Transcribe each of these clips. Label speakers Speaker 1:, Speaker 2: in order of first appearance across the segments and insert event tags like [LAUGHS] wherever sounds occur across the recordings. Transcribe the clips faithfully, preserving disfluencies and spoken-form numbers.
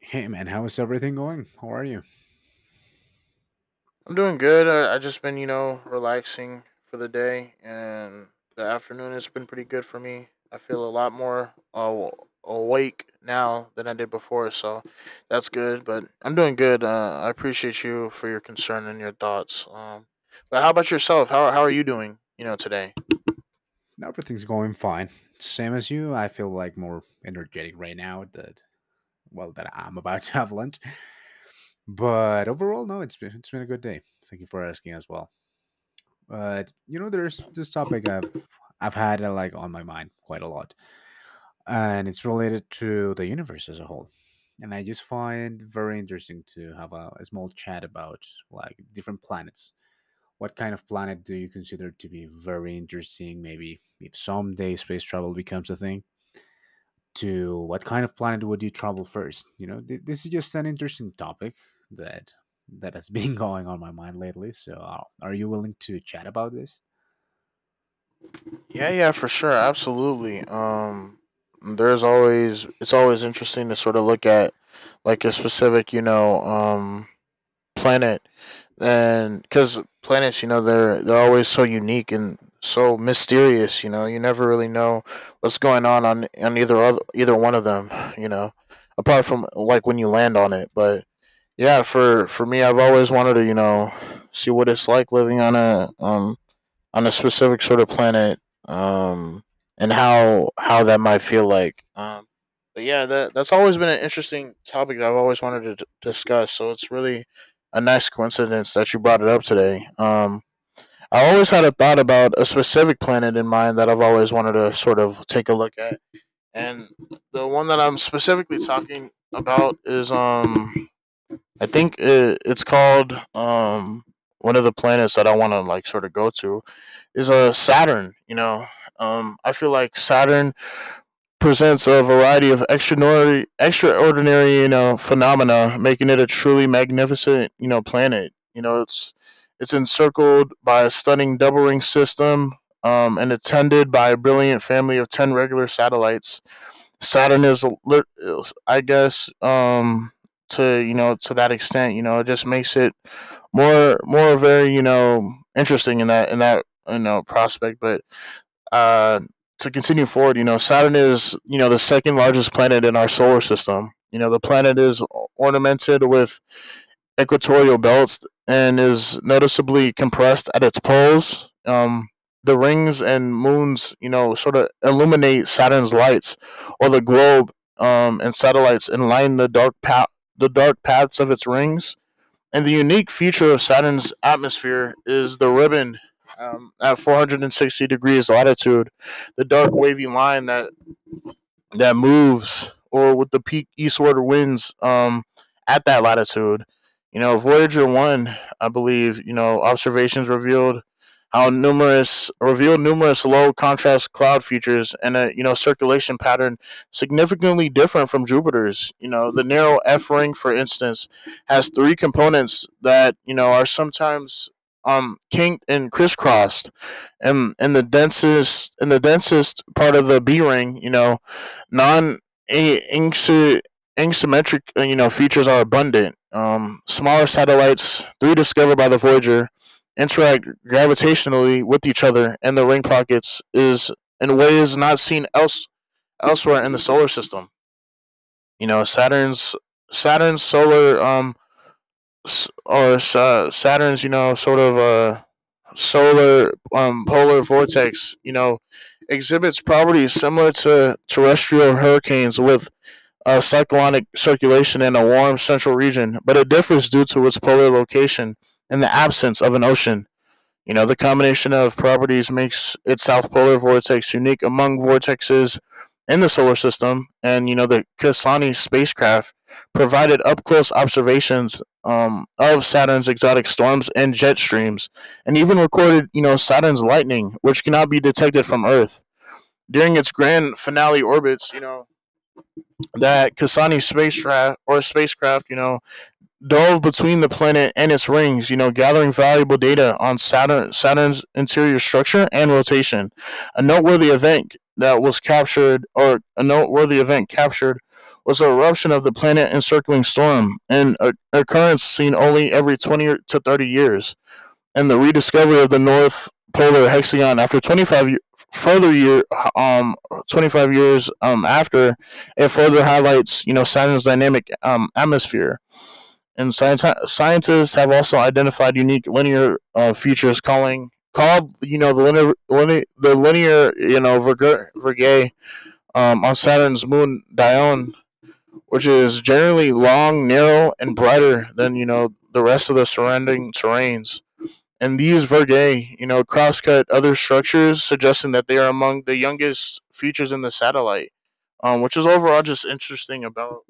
Speaker 1: Hey man, how is everything going? How are you?
Speaker 2: I'm doing good. I, I just been, you know, relaxing for the day, and the afternoon has been pretty good for me. I feel a lot more uh, awake now than I did before, so that's good. But I'm doing good. Uh, I appreciate you for your concern and your thoughts. Um, but how about yourself? How how are you doing? You know, today.
Speaker 1: Everything's going fine. Same as you. I feel like more energetic right now that well that I'm about to have lunch. But overall, no, it's been it's been a good day. Thank you for asking as well. But you know, there's this topic I've I've had uh, like on my mind quite a lot, and it's related to the universe as a whole. And I just find very interesting to have a, a small chat about like different planets. What kind of planet do you consider to be very interesting? Maybe if someday space travel becomes a thing, to what kind of planet would you travel first? You know, th- this is just an interesting topic that that has been [LAUGHS] going on my mind lately. So, uh, are you willing to chat about this?
Speaker 2: Yeah, yeah, for sure, absolutely. Um, there's always it's always interesting to sort of look at like a specific, you know, um planet and because planets, you know, they're they're always so unique and so mysterious, you know, you never really know what's going on on, on either other, either one of them, you know, apart from like when you land on it. But yeah, for for me, I've always wanted to, you know, see what it's like living on a um on a specific sort of planet, um, and how how that might feel like. Um, but yeah, that that's always been an interesting topic that I've always wanted to d- discuss. So it's really a nice coincidence that you brought it up today. Um, I always had a thought about a specific planet in mind that I've always wanted to sort of take a look at, and the one that I'm specifically talking about is um, I think it, it's called um, one of the planets that I want to like sort of go to is a uh, Saturn. You know, um, I feel like Saturn presents a variety of extraordinary, extraordinary, you know, phenomena, making it a truly magnificent, you know, planet. You know, it's it's encircled by a stunning double ring system, um, and attended by a brilliant family of ten regular satellites. Saturn is, lit- is, I guess, um, to you know, to that extent, you know, it just makes it more, more very, you know, interesting in that in that you know prospect. But uh, to continue forward, you know, Saturn is, you know, the second largest planet in our solar system. You know, the planet is ornamented with equatorial belts and is noticeably compressed at its poles. Um, the rings and moons, you know, sort of illuminate Saturn's lights, or the globe um, and satellites, and line the dark path, the dark paths of its rings, and the unique feature of Saturn's atmosphere is the ribbon um, at four hundred sixty degrees latitude, the dark wavy line that that moves or with the peak eastward winds um, at that latitude. You know, Voyager one, I believe, you know, observations revealed how numerous revealed numerous low contrast cloud features and a, you know, circulation pattern significantly different from Jupiter's. You know, the narrow F ring, for instance, has three components that, you know, are sometimes um kinked and crisscrossed, and in the densest in the densest part of the B ring, you know, non asymmetric, you know, features are abundant. Um, smaller satellites, three discovered by the Voyager, interact gravitationally with each other in the ring pockets is in ways not seen else elsewhere in the solar system. You know, Saturn's Saturn's solar um s- or sa- Saturn's, you know, sort of uh solar um polar vortex, you know, exhibits properties similar to terrestrial hurricanes with of cyclonic circulation in a warm central region, but it differs due to its polar location and the absence of an ocean. You know, the combination of properties makes its south polar vortex unique among vortexes in the solar system. And, you know, the Cassini spacecraft provided up close observations um, of Saturn's exotic storms and jet streams, and even recorded, you know, Saturn's lightning, which cannot be detected from Earth. During its grand finale orbits, you know, that Kasani's spacecraft or spacecraft, you know, dove between the planet and its rings, you know, gathering valuable data on Saturn Saturn's interior structure and rotation. A noteworthy event that was captured or a noteworthy event captured was the eruption of the planet encircling storm, an occurrence seen only every twenty to thirty years and the rediscovery of the North Polar Hexagon after twenty-five year, further year um twenty-five years um after it further highlights, you know, Saturn's dynamic um atmosphere. And science, scientists have also identified unique linear uh, features calling called, you know, the linear, linear the linear, you know, Virgo- Virgae um, on Saturn's moon Dione, which is generally long, narrow, and brighter than, you know, the rest of the surrounding terrains, and these Vergae, you know, crosscut other structures, suggesting that they are among the youngest features in the satellite, um, which is overall just interesting about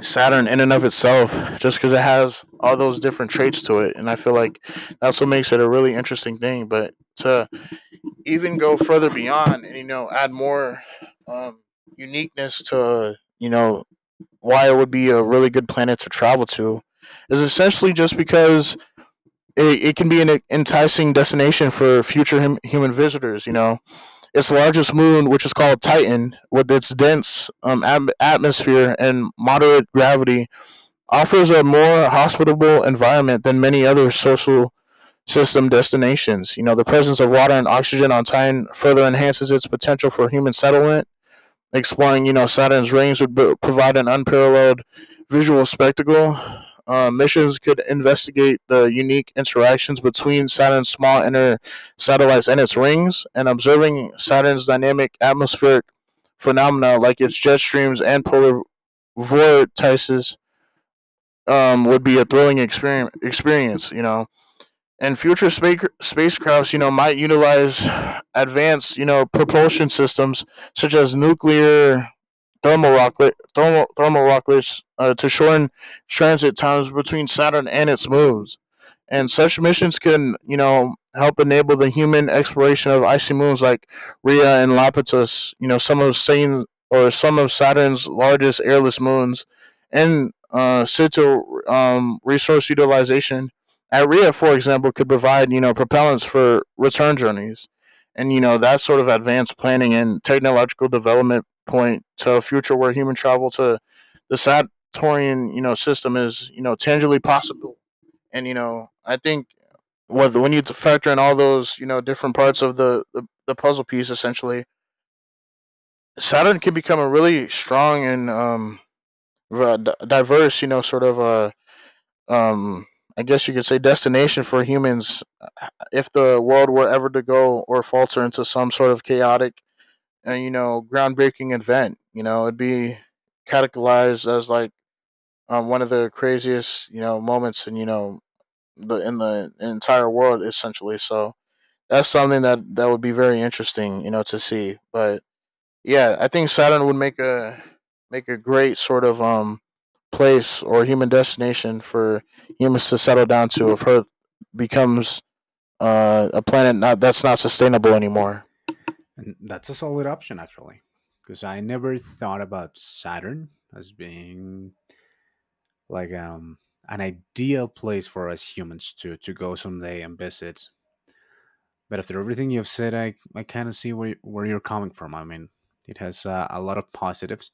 Speaker 2: Saturn in and of itself, just because it has all those different traits to it, and I feel like that's what makes it a really interesting thing. But to even go further beyond and, you know, add more um, uniqueness to, you know, why it would be a really good planet to travel to is essentially just because it, it can be an enticing destination for future hum, human visitors. You know, its largest moon, which is called Titan, with its dense um, ab- atmosphere and moderate gravity, offers a more hospitable environment than many other social system destinations. You know, the presence of water and oxygen on Titan further enhances its potential for human settlement exploring, you know, Saturn's rings would b- provide an unparalleled visual spectacle. Uh, missions could investigate the unique interactions between Saturn's small inner satellites and its rings, and observing Saturn's dynamic atmospheric phenomena like its jet streams and polar vortices um, would be a thrilling exper- experience, you know, and future spac spacecrafts, you know, might utilize advanced, you know, propulsion systems such as nuclear thermal rocket, thermal, thermal rockets uh, to shorten transit times between Saturn and its moons. And such missions can, you know, help enable the human exploration of icy moons like Rhea and Laplace, you know, some of Saturn or some of Saturn's largest airless moons, and uh, situ um, resource utilization at R I A, for example, could provide, you know, propellants for return journeys. And, you know, that sort of advanced planning and technological development point to a future where human travel to the Saturnian, you know, system is, you know, tangibly possible. And, you know, I think when you factor in all those, you know, different parts of the, the, the puzzle piece, essentially, Saturn can become a really strong and um, diverse, you know, sort of a uh, um I guess you could say destination for humans uh, if the world were ever to go or falter into some sort of chaotic and, you know, groundbreaking event, you know, it'd be categorized as like um, one of the craziest, you know, moments in, you know, the in the entire world essentially. So that's something that that would be very interesting, you know, to see. But yeah, I think Saturn would make a make a great sort of um place or human destination for humans to settle down to if Earth becomes uh, a planet not that's not sustainable anymore.
Speaker 1: And that's a solid option, actually, because I never thought about Saturn as being like um, an ideal place for us humans to to go someday and visit. But after everything you've said, I, I kind of see where, where you're coming from. I mean, it has uh, a lot of positives.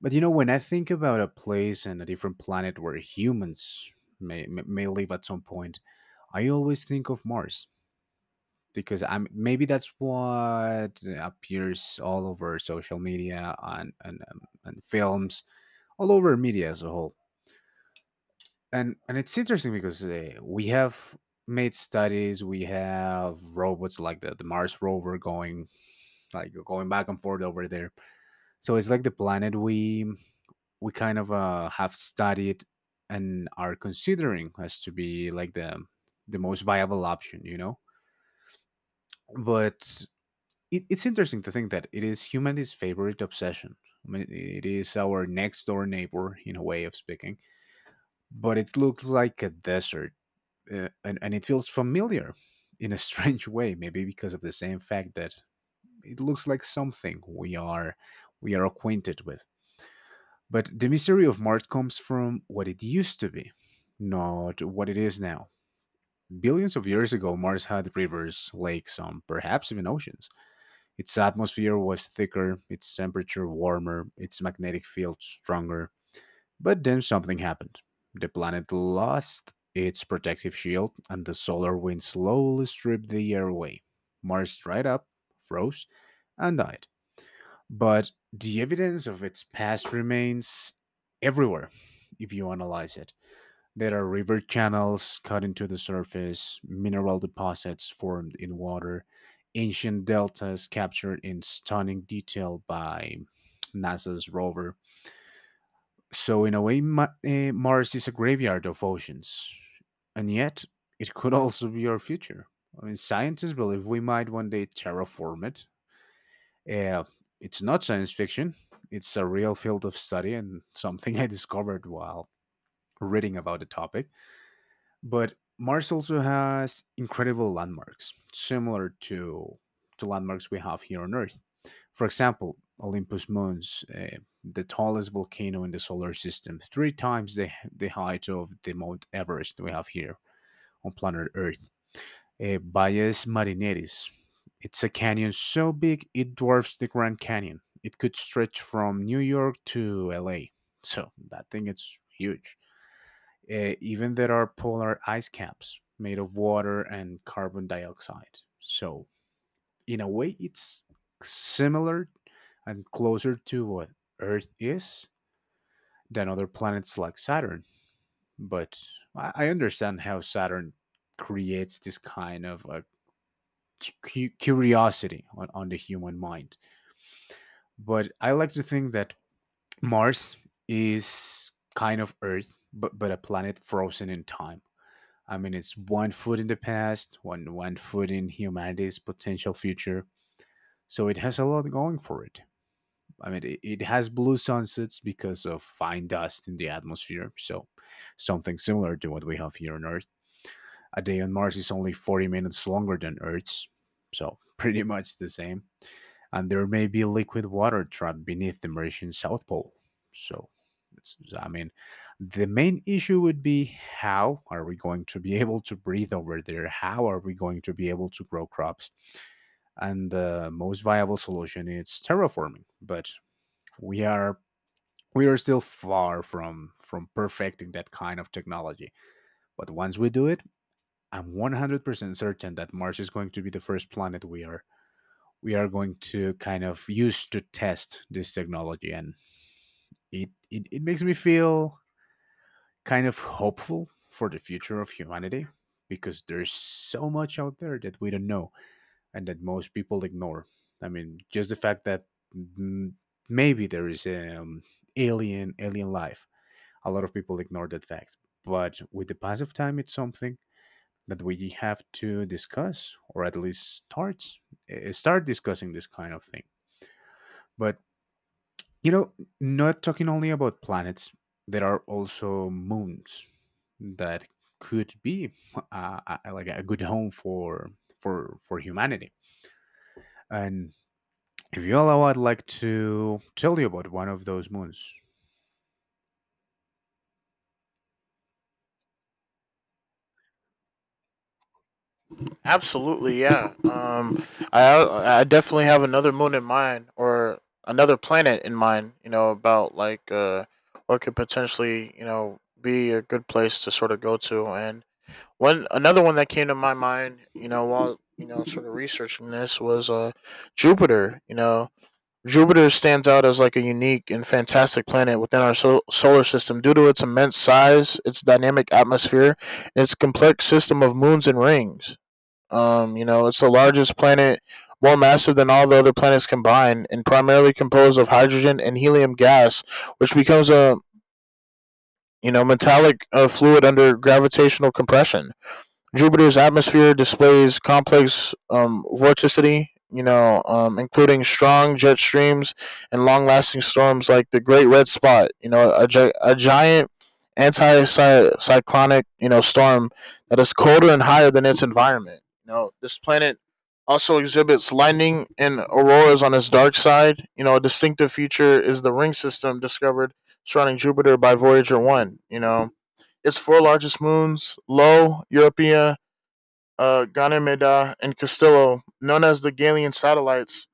Speaker 1: But you know, when I think about a place and a different planet where humans may, may may live at some point, I always think of Mars because I'm maybe that's what appears all over social media on and um, and films all over media as a whole. And and it's interesting because uh, we have made studies. We have robots like the, the Mars rover going like going back and forth over there. So it's like the planet we we kind of uh, have studied and are considering as to be like the the most viable option, you know. But it, it's interesting to think that it is humanity's favorite obsession. I mean, it is our next door neighbor in a way of speaking, but it looks like a desert uh, and, and it feels familiar in a [LAUGHS] strange way, maybe because of the same fact that it looks like something we are we are acquainted with. But the mystery of Mars comes from what it used to be, not what it is now. Billions of years ago, Mars had rivers, lakes, and perhaps even oceans. Its atmosphere was thicker, its temperature warmer, its magnetic field stronger. But then something happened. The planet lost its protective shield, and the solar wind slowly stripped the air away. Mars dried up, froze, and died. But the evidence of its past remains everywhere if you analyze it. There are river channels cut into the surface, mineral deposits formed in water, ancient deltas captured in stunning detail by NASA's rover. So, in a way, Ma- eh, Mars is a graveyard of oceans. And yet, it could also be our future. I mean, scientists believe we might one day terraform it. Eh, it's not science fiction, it's a real field of study and something [LAUGHS] I discovered while reading about the topic. But Mars also has incredible landmarks, similar to to landmarks we have here on Earth. For example, Olympus Mons, uh, the tallest volcano in the solar system, three times the, the height of the Mount Everest we have here on planet Earth. Uh, Valles Marineris, it's a canyon so big it dwarfs the Grand Canyon. It could stretch from New York to L A. So that thing is huge. Uh, even there are polar ice caps made of water and carbon dioxide. So, in a way, it's similar and closer to what Earth is than other planets like Saturn. But I I understand how Saturn creates this kind of a cu- curiosity on, on the human mind. But I like to think that Mars is kind of Earth, but, but a planet frozen in time. I mean, it's one foot in the past, one one foot in humanity's potential future. So it has a lot going for it. I mean, it, it has blue sunsets because of fine dust in the atmosphere. So something similar to what we have here on Earth. A day on Mars is only forty minutes longer than Earth's, so [LAUGHS] pretty much the same. And there may be liquid water trapped beneath the Martian South Pole. So, it's, I mean, the main issue would be how are we going to be [LAUGHS] able to breathe over there? How are we going to be able to grow crops? And the most viable solution is terraforming, but we are we are still far from from perfecting that kind of technology. But once we do it, I'm one hundred percent certain that Mars is going to be the first planet we are we are going to kind of use to test this technology and it, it, it makes me feel kind of hopeful for the future of humanity because there's so much out there that we don't know and that most people ignore. I mean, just the fact that mm, maybe there is um, alien alien life. A lot of people ignore that fact, but with the pass of time, it's something that we have to discuss or at least start eh, start discussing this kind of thing. But you know, not talking only about planets, there are also moons that could be uh, uh, like a good home for for for humanity. And if you allow, I'd like to tell you about one of those moons.
Speaker 2: Absolutely, yeah. Um, I I definitely have another moon in mind, or another planet in mind. You know, about like uh, what could potentially, you know, be a good place to sort of go to. And one another one that came to my mind, you know, while you know sort of researching this was uh, Jupiter. You know, Jupiter stands out as like a unique and fantastic planet within our sol- solar system due to its immense size, its dynamic atmosphere, and its complex system of moons and rings. Um, you know, it's the largest planet, more massive than all the other planets combined, and primarily composed of hydrogen and helium gas, which becomes a, you know, metallic uh, fluid under gravitational compression. Jupiter's atmosphere displays complex um, vorticity, you know, um, including strong jet streams and long-lasting storms like the Great Red Spot. You know, a, gi- a giant anti-cyclonic, you know, storm that is colder and higher than its environment. You know, this planet also exhibits lightning and auroras on its dark side. You know, a distinctive feature is the ring system discovered surrounding Jupiter by Voyager one. You know, its four largest moons, Io, Europa uh, Ganymede, and Castillo, known as the Galilean satellites,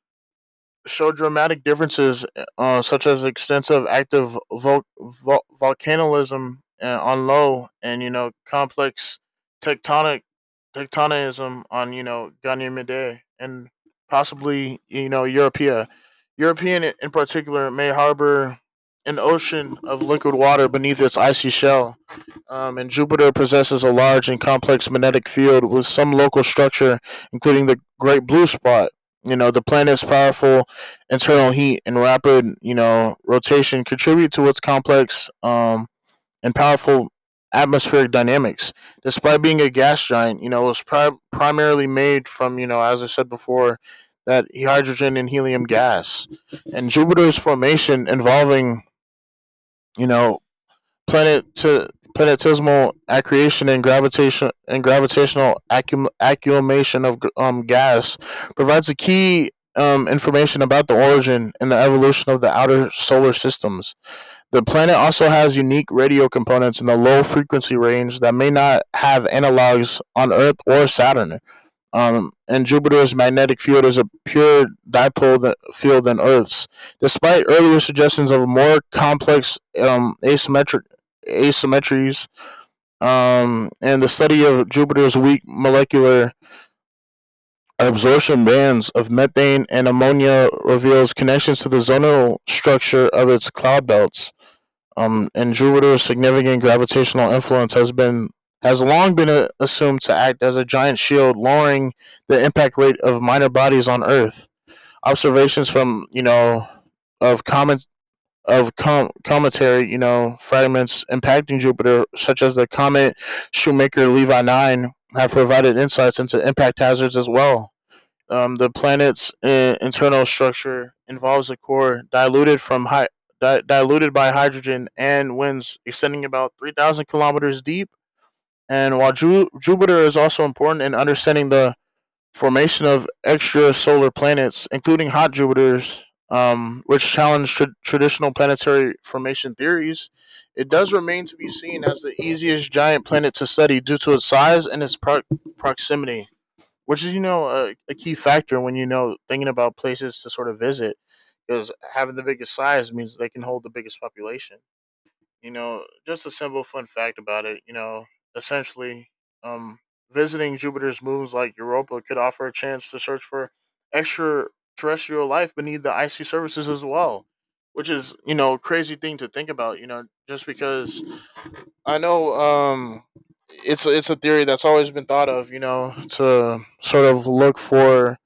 Speaker 2: show dramatic differences, uh, such as extensive active vol- vol- volcanism uh, on low, and, you know, complex tectonic tectonism on, you know, Ganymede, and possibly, you know, Europea. European in particular may harbor an ocean of liquid water beneath its icy shell um, and Jupiter possesses a large and complex magnetic field with some local structure, including the Great Blue Spot. You know, the planet's powerful internal heat and rapid, you know, rotation contribute to its complex um, and powerful atmospheric dynamics. Despite being a gas giant, you know, it was pri- primarily made from, you know, as I said before, that hydrogen and helium gas. And Jupiter's formation involving, you know, planet- planetesimal accretion and gravitation and gravitational accum- accumulation of um, gas provides a key um, information about the origin and the evolution of the outer solar systems. The planet also has unique radio components in the low frequency range that may not have analogs on Earth or Saturn. Um, and Jupiter's magnetic field is a pure dipole field than Earth's, despite earlier suggestions of more complex um, asymmetric asymmetries. Um, and the study of Jupiter's weak molecular absorption bands of methane and ammonia reveals connections to the zonal structure of its cloud belts. Um, in Jupiter's significant gravitational influence has been has long been uh, assumed to act as a giant shield, lowering the impact rate of minor bodies on Earth. Observations from you know of comet of com- cometary you know fragments impacting Jupiter, such as the comet Shoemaker-Levy nine, have provided insights into impact hazards as well. Um, the planet's uh, internal structure involves a core diluted from hy- di- diluted by hydrogen and winds, extending about three thousand kilometers deep. And while Ju- Jupiter is also important in understanding the formation of extrasolar planets, including hot Jupiters, um, which challenge tra- traditional planetary formation theories. It does remain to be seen as the easiest giant planet to study due to its size and its pro- proximity, which is, you know, a, a key factor when, you know, thinking about places to sort of visit, because having the biggest size means they can hold the biggest population. You know, just a simple fun fact about it, you know, essentially, um visiting Jupiter's moons like Europa could offer a chance to search for extraterrestrial life beneath the icy surfaces as well, which is, you know, a crazy thing to think about, you know, just because I know. Um, it's it's a theory that's always been thought of, you know, to sort of look for,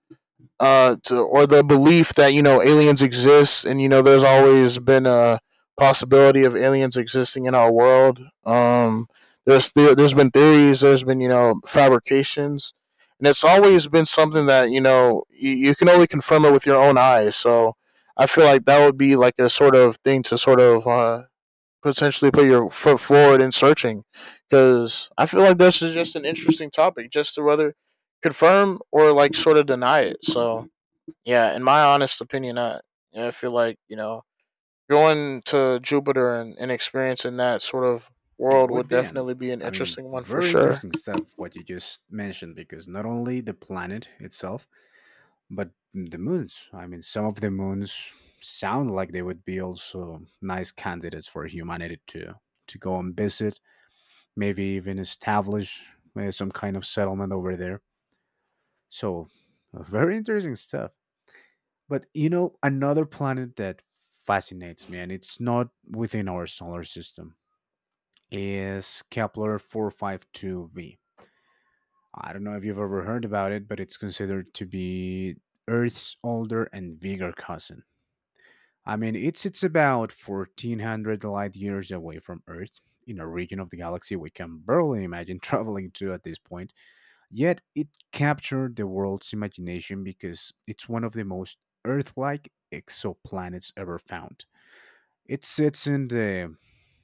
Speaker 2: uh, to or the belief that, you know, aliens exist, and, you know, there's always been a possibility of aliens existing in our world. Um, there's the, there's been theories, there's been, you know, fabrications, and it's always been something that, you know, you, you can only confirm it with your own eyes. So I feel like that would be like a sort of thing to sort of uh, potentially put your foot forward in searching, because I feel like this is just an interesting topic, just to whether confirm or like sort of deny it. So yeah, in my honest opinion, I I feel like, you know, going to Jupiter and, and experiencing that sort of
Speaker 1: It
Speaker 2: world
Speaker 1: would
Speaker 2: would
Speaker 1: be an,
Speaker 2: definitely be an
Speaker 1: I mean,
Speaker 2: interesting one for
Speaker 1: very
Speaker 2: sure.
Speaker 1: interesting stuff what you just mentioned, because not only the planet itself. But the moons, I mean, some of the moons sound like they would be also nice candidates for humanity to to go and visit, maybe even establish uh, some kind of settlement over there. So, uh, very interesting stuff. But you know, another planet that fascinates me, and it's not within our solar system, is Kepler four fifty-two b. I don't know if you've ever heard about it, but it's considered to be Earth's older and bigger cousin. I mean, it sits about fourteen hundred light years away from Earth, in a region of the galaxy we can barely imagine [LAUGHS] traveling to at this point. Yet, it captured the world's imagination because it's one of the most Earth like exoplanets ever found. It sits in the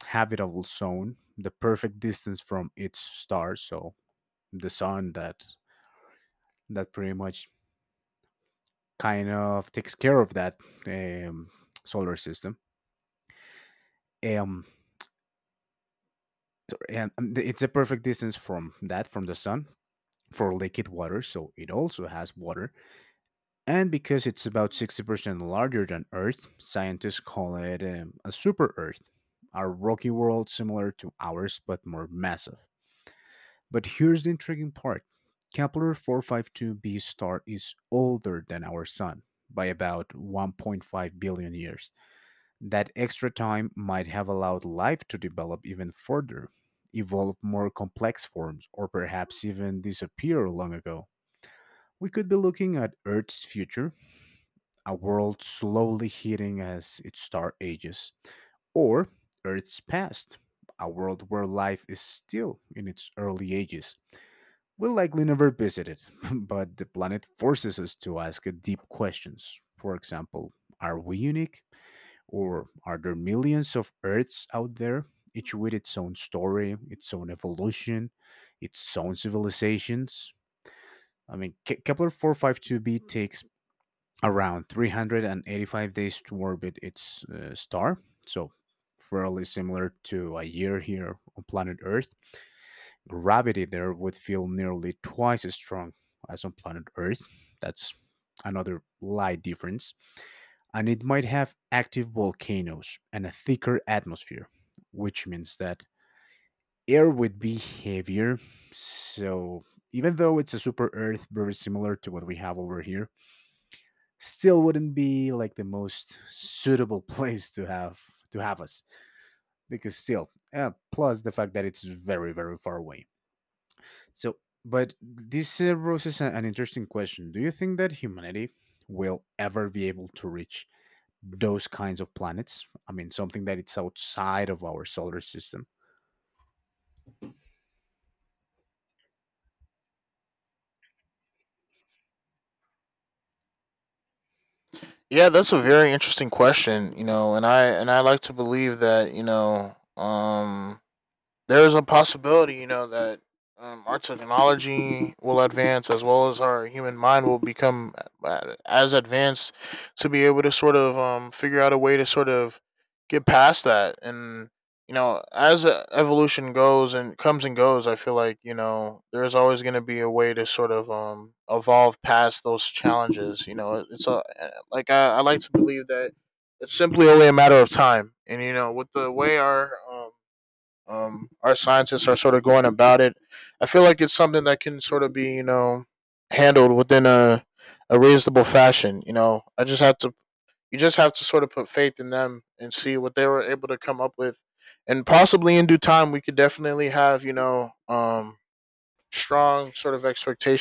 Speaker 1: habitable zone, the perfect distance from its star, so the sun that that pretty much kind of takes care of that um, solar system. Um, and it's a perfect distance from that from the sun for liquid water, so it also has water. And because it's about sixty percent larger than Earth, scientists call it um, a super Earth, a rocky world similar to ours but more massive. But here's the intriguing part. Kepler four five two b star is older than our sun by about one point five billion years. That extra time might have allowed life to develop even further, evolve more complex forms, or perhaps even disappear long ago. We could be looking at Earth's future, a world slowly heating as its star ages, or Earth's past, a world where life is still in its early ages. We'll likely never visit it, [LAUGHS] but the planet forces us to ask deep questions. For example, are we unique? Or are there millions of Earths out there, each with its own story, its own evolution, its own civilizations? I mean, Ke- Kepler four five two b takes around three hundred eighty-five days to orbit its uh, star, so fairly similar to a year here on planet Earth. Gravity there would feel nearly twice as strong as on planet Earth. That's another light difference, and it might have active volcanoes and a thicker atmosphere, which means that air would be heavier. So even though it's a super Earth, very similar to what we have over here, still wouldn't be like the most suitable [LAUGHS] place to have to have us because still uh, plus the fact that it's very very far away. So but this uh, raises a- an interesting question. Do you think that humanity will ever be able to reach those kinds of planets? I mean, something that it's outside of our solar system.
Speaker 2: Yeah, that's a very interesting question, you know, and I and I like to believe that, you know, um there is a possibility, you know, that um, our technology will advance as well as our human mind will become uh, as advanced to be able to sort of um, figure out a way to sort of get past that. And, you know, as uh, evolution goes and comes and goes, I feel like, you know, there's always going to be a way to sort of um, evolve past those challenges. You know, it's a, eh, like I, I like to believe that it's simply only a matter of time. And, you know, with the way our, um, um, our scientists are sort of going about it, I feel like it's something that can sort of be, you know, handled within a, a reasonable fashion. You know, I just have to, you just have to sort of put faith in them and see what they were able to come up with. And possibly in due time, we could definitely have, you know, um, strong sort of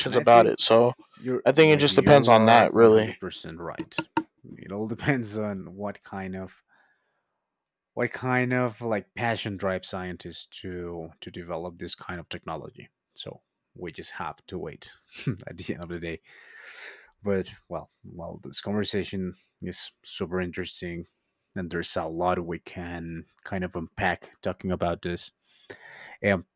Speaker 1: And I
Speaker 2: about
Speaker 1: think
Speaker 2: it. So
Speaker 1: you're
Speaker 2: I think it
Speaker 1: like
Speaker 2: just depends
Speaker 1: you
Speaker 2: on
Speaker 1: are
Speaker 2: that, really.
Speaker 1: one hundred percent right. It all [LAUGHS] depends on what kind of what kind of like passion drive scientists to to develop this kind of technology. So we just have to wait [LAUGHS] at the end of the day. But well, well, this conversation is super interesting, and there's a lot we can kind of unpack talking about this. Um,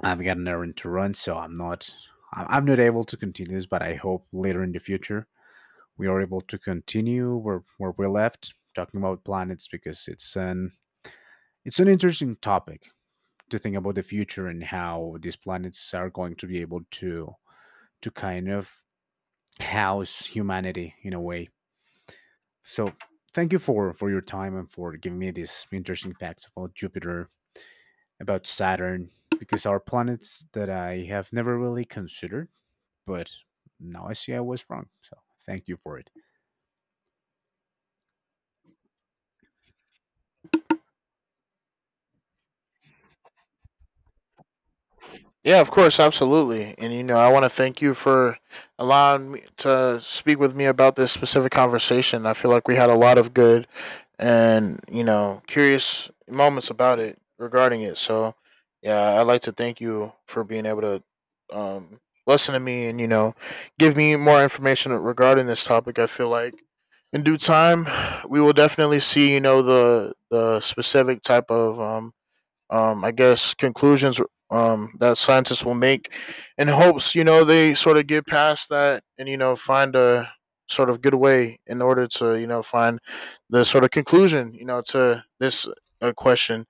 Speaker 1: I've got an errand to run, so I'm not I- I'm not able to continue this. But I hope later in the future we are able to continue where where we left talking about planets, because it's an it's an interesting topic to think about the future and how these planets are going to be able to to kind of house humanity in a way. So thank you for for your time and for giving me these interesting facts about Jupiter, about Saturn, because our planets that I have never really considered. But now I see I was wrong. So thank you for it.
Speaker 2: Yeah, of course, absolutely. And you know, I want to thank you for allowing me to speak with me about this specific conversation. I feel like we had a lot of good and, you know, curious moments about it regarding it. So, yeah, I'd like to thank you for being able to um listen to me and, you know, give me more information regarding this topic. I feel like in due time, we will definitely see, you know, the the specific type of um um, I guess, conclusions um, that scientists will make, in hopes, you know, they sort of get past that and, you know, find a sort of good way in order to, you know, find the sort of conclusion, you know, to this uh, question.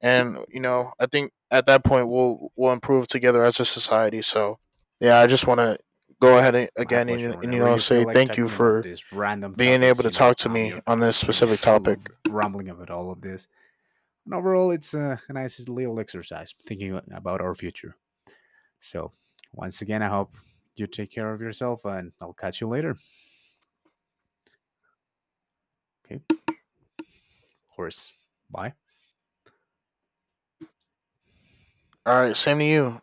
Speaker 2: And, you know, I think at that point we'll, we'll improve together as a society. So, yeah, I just want to go
Speaker 1: No,
Speaker 2: ahead and,
Speaker 1: my
Speaker 2: again
Speaker 1: pleasure.
Speaker 2: and, and, you
Speaker 1: Whenever
Speaker 2: know,
Speaker 1: you
Speaker 2: say
Speaker 1: feel like
Speaker 2: thank you
Speaker 1: talking about
Speaker 2: for
Speaker 1: these random
Speaker 2: being able
Speaker 1: topics,
Speaker 2: to
Speaker 1: you
Speaker 2: talk
Speaker 1: know,
Speaker 2: to
Speaker 1: I'm
Speaker 2: me
Speaker 1: your
Speaker 2: on
Speaker 1: guy.
Speaker 2: this
Speaker 1: I
Speaker 2: specific
Speaker 1: just [LAUGHS] love
Speaker 2: topic.
Speaker 1: rambling about all of this. And overall, it's a nice little exercise thinking about our future. So once again, I hope you take care of yourself and I'll catch you later. Okay, of course. Bye.
Speaker 2: All right, same to you.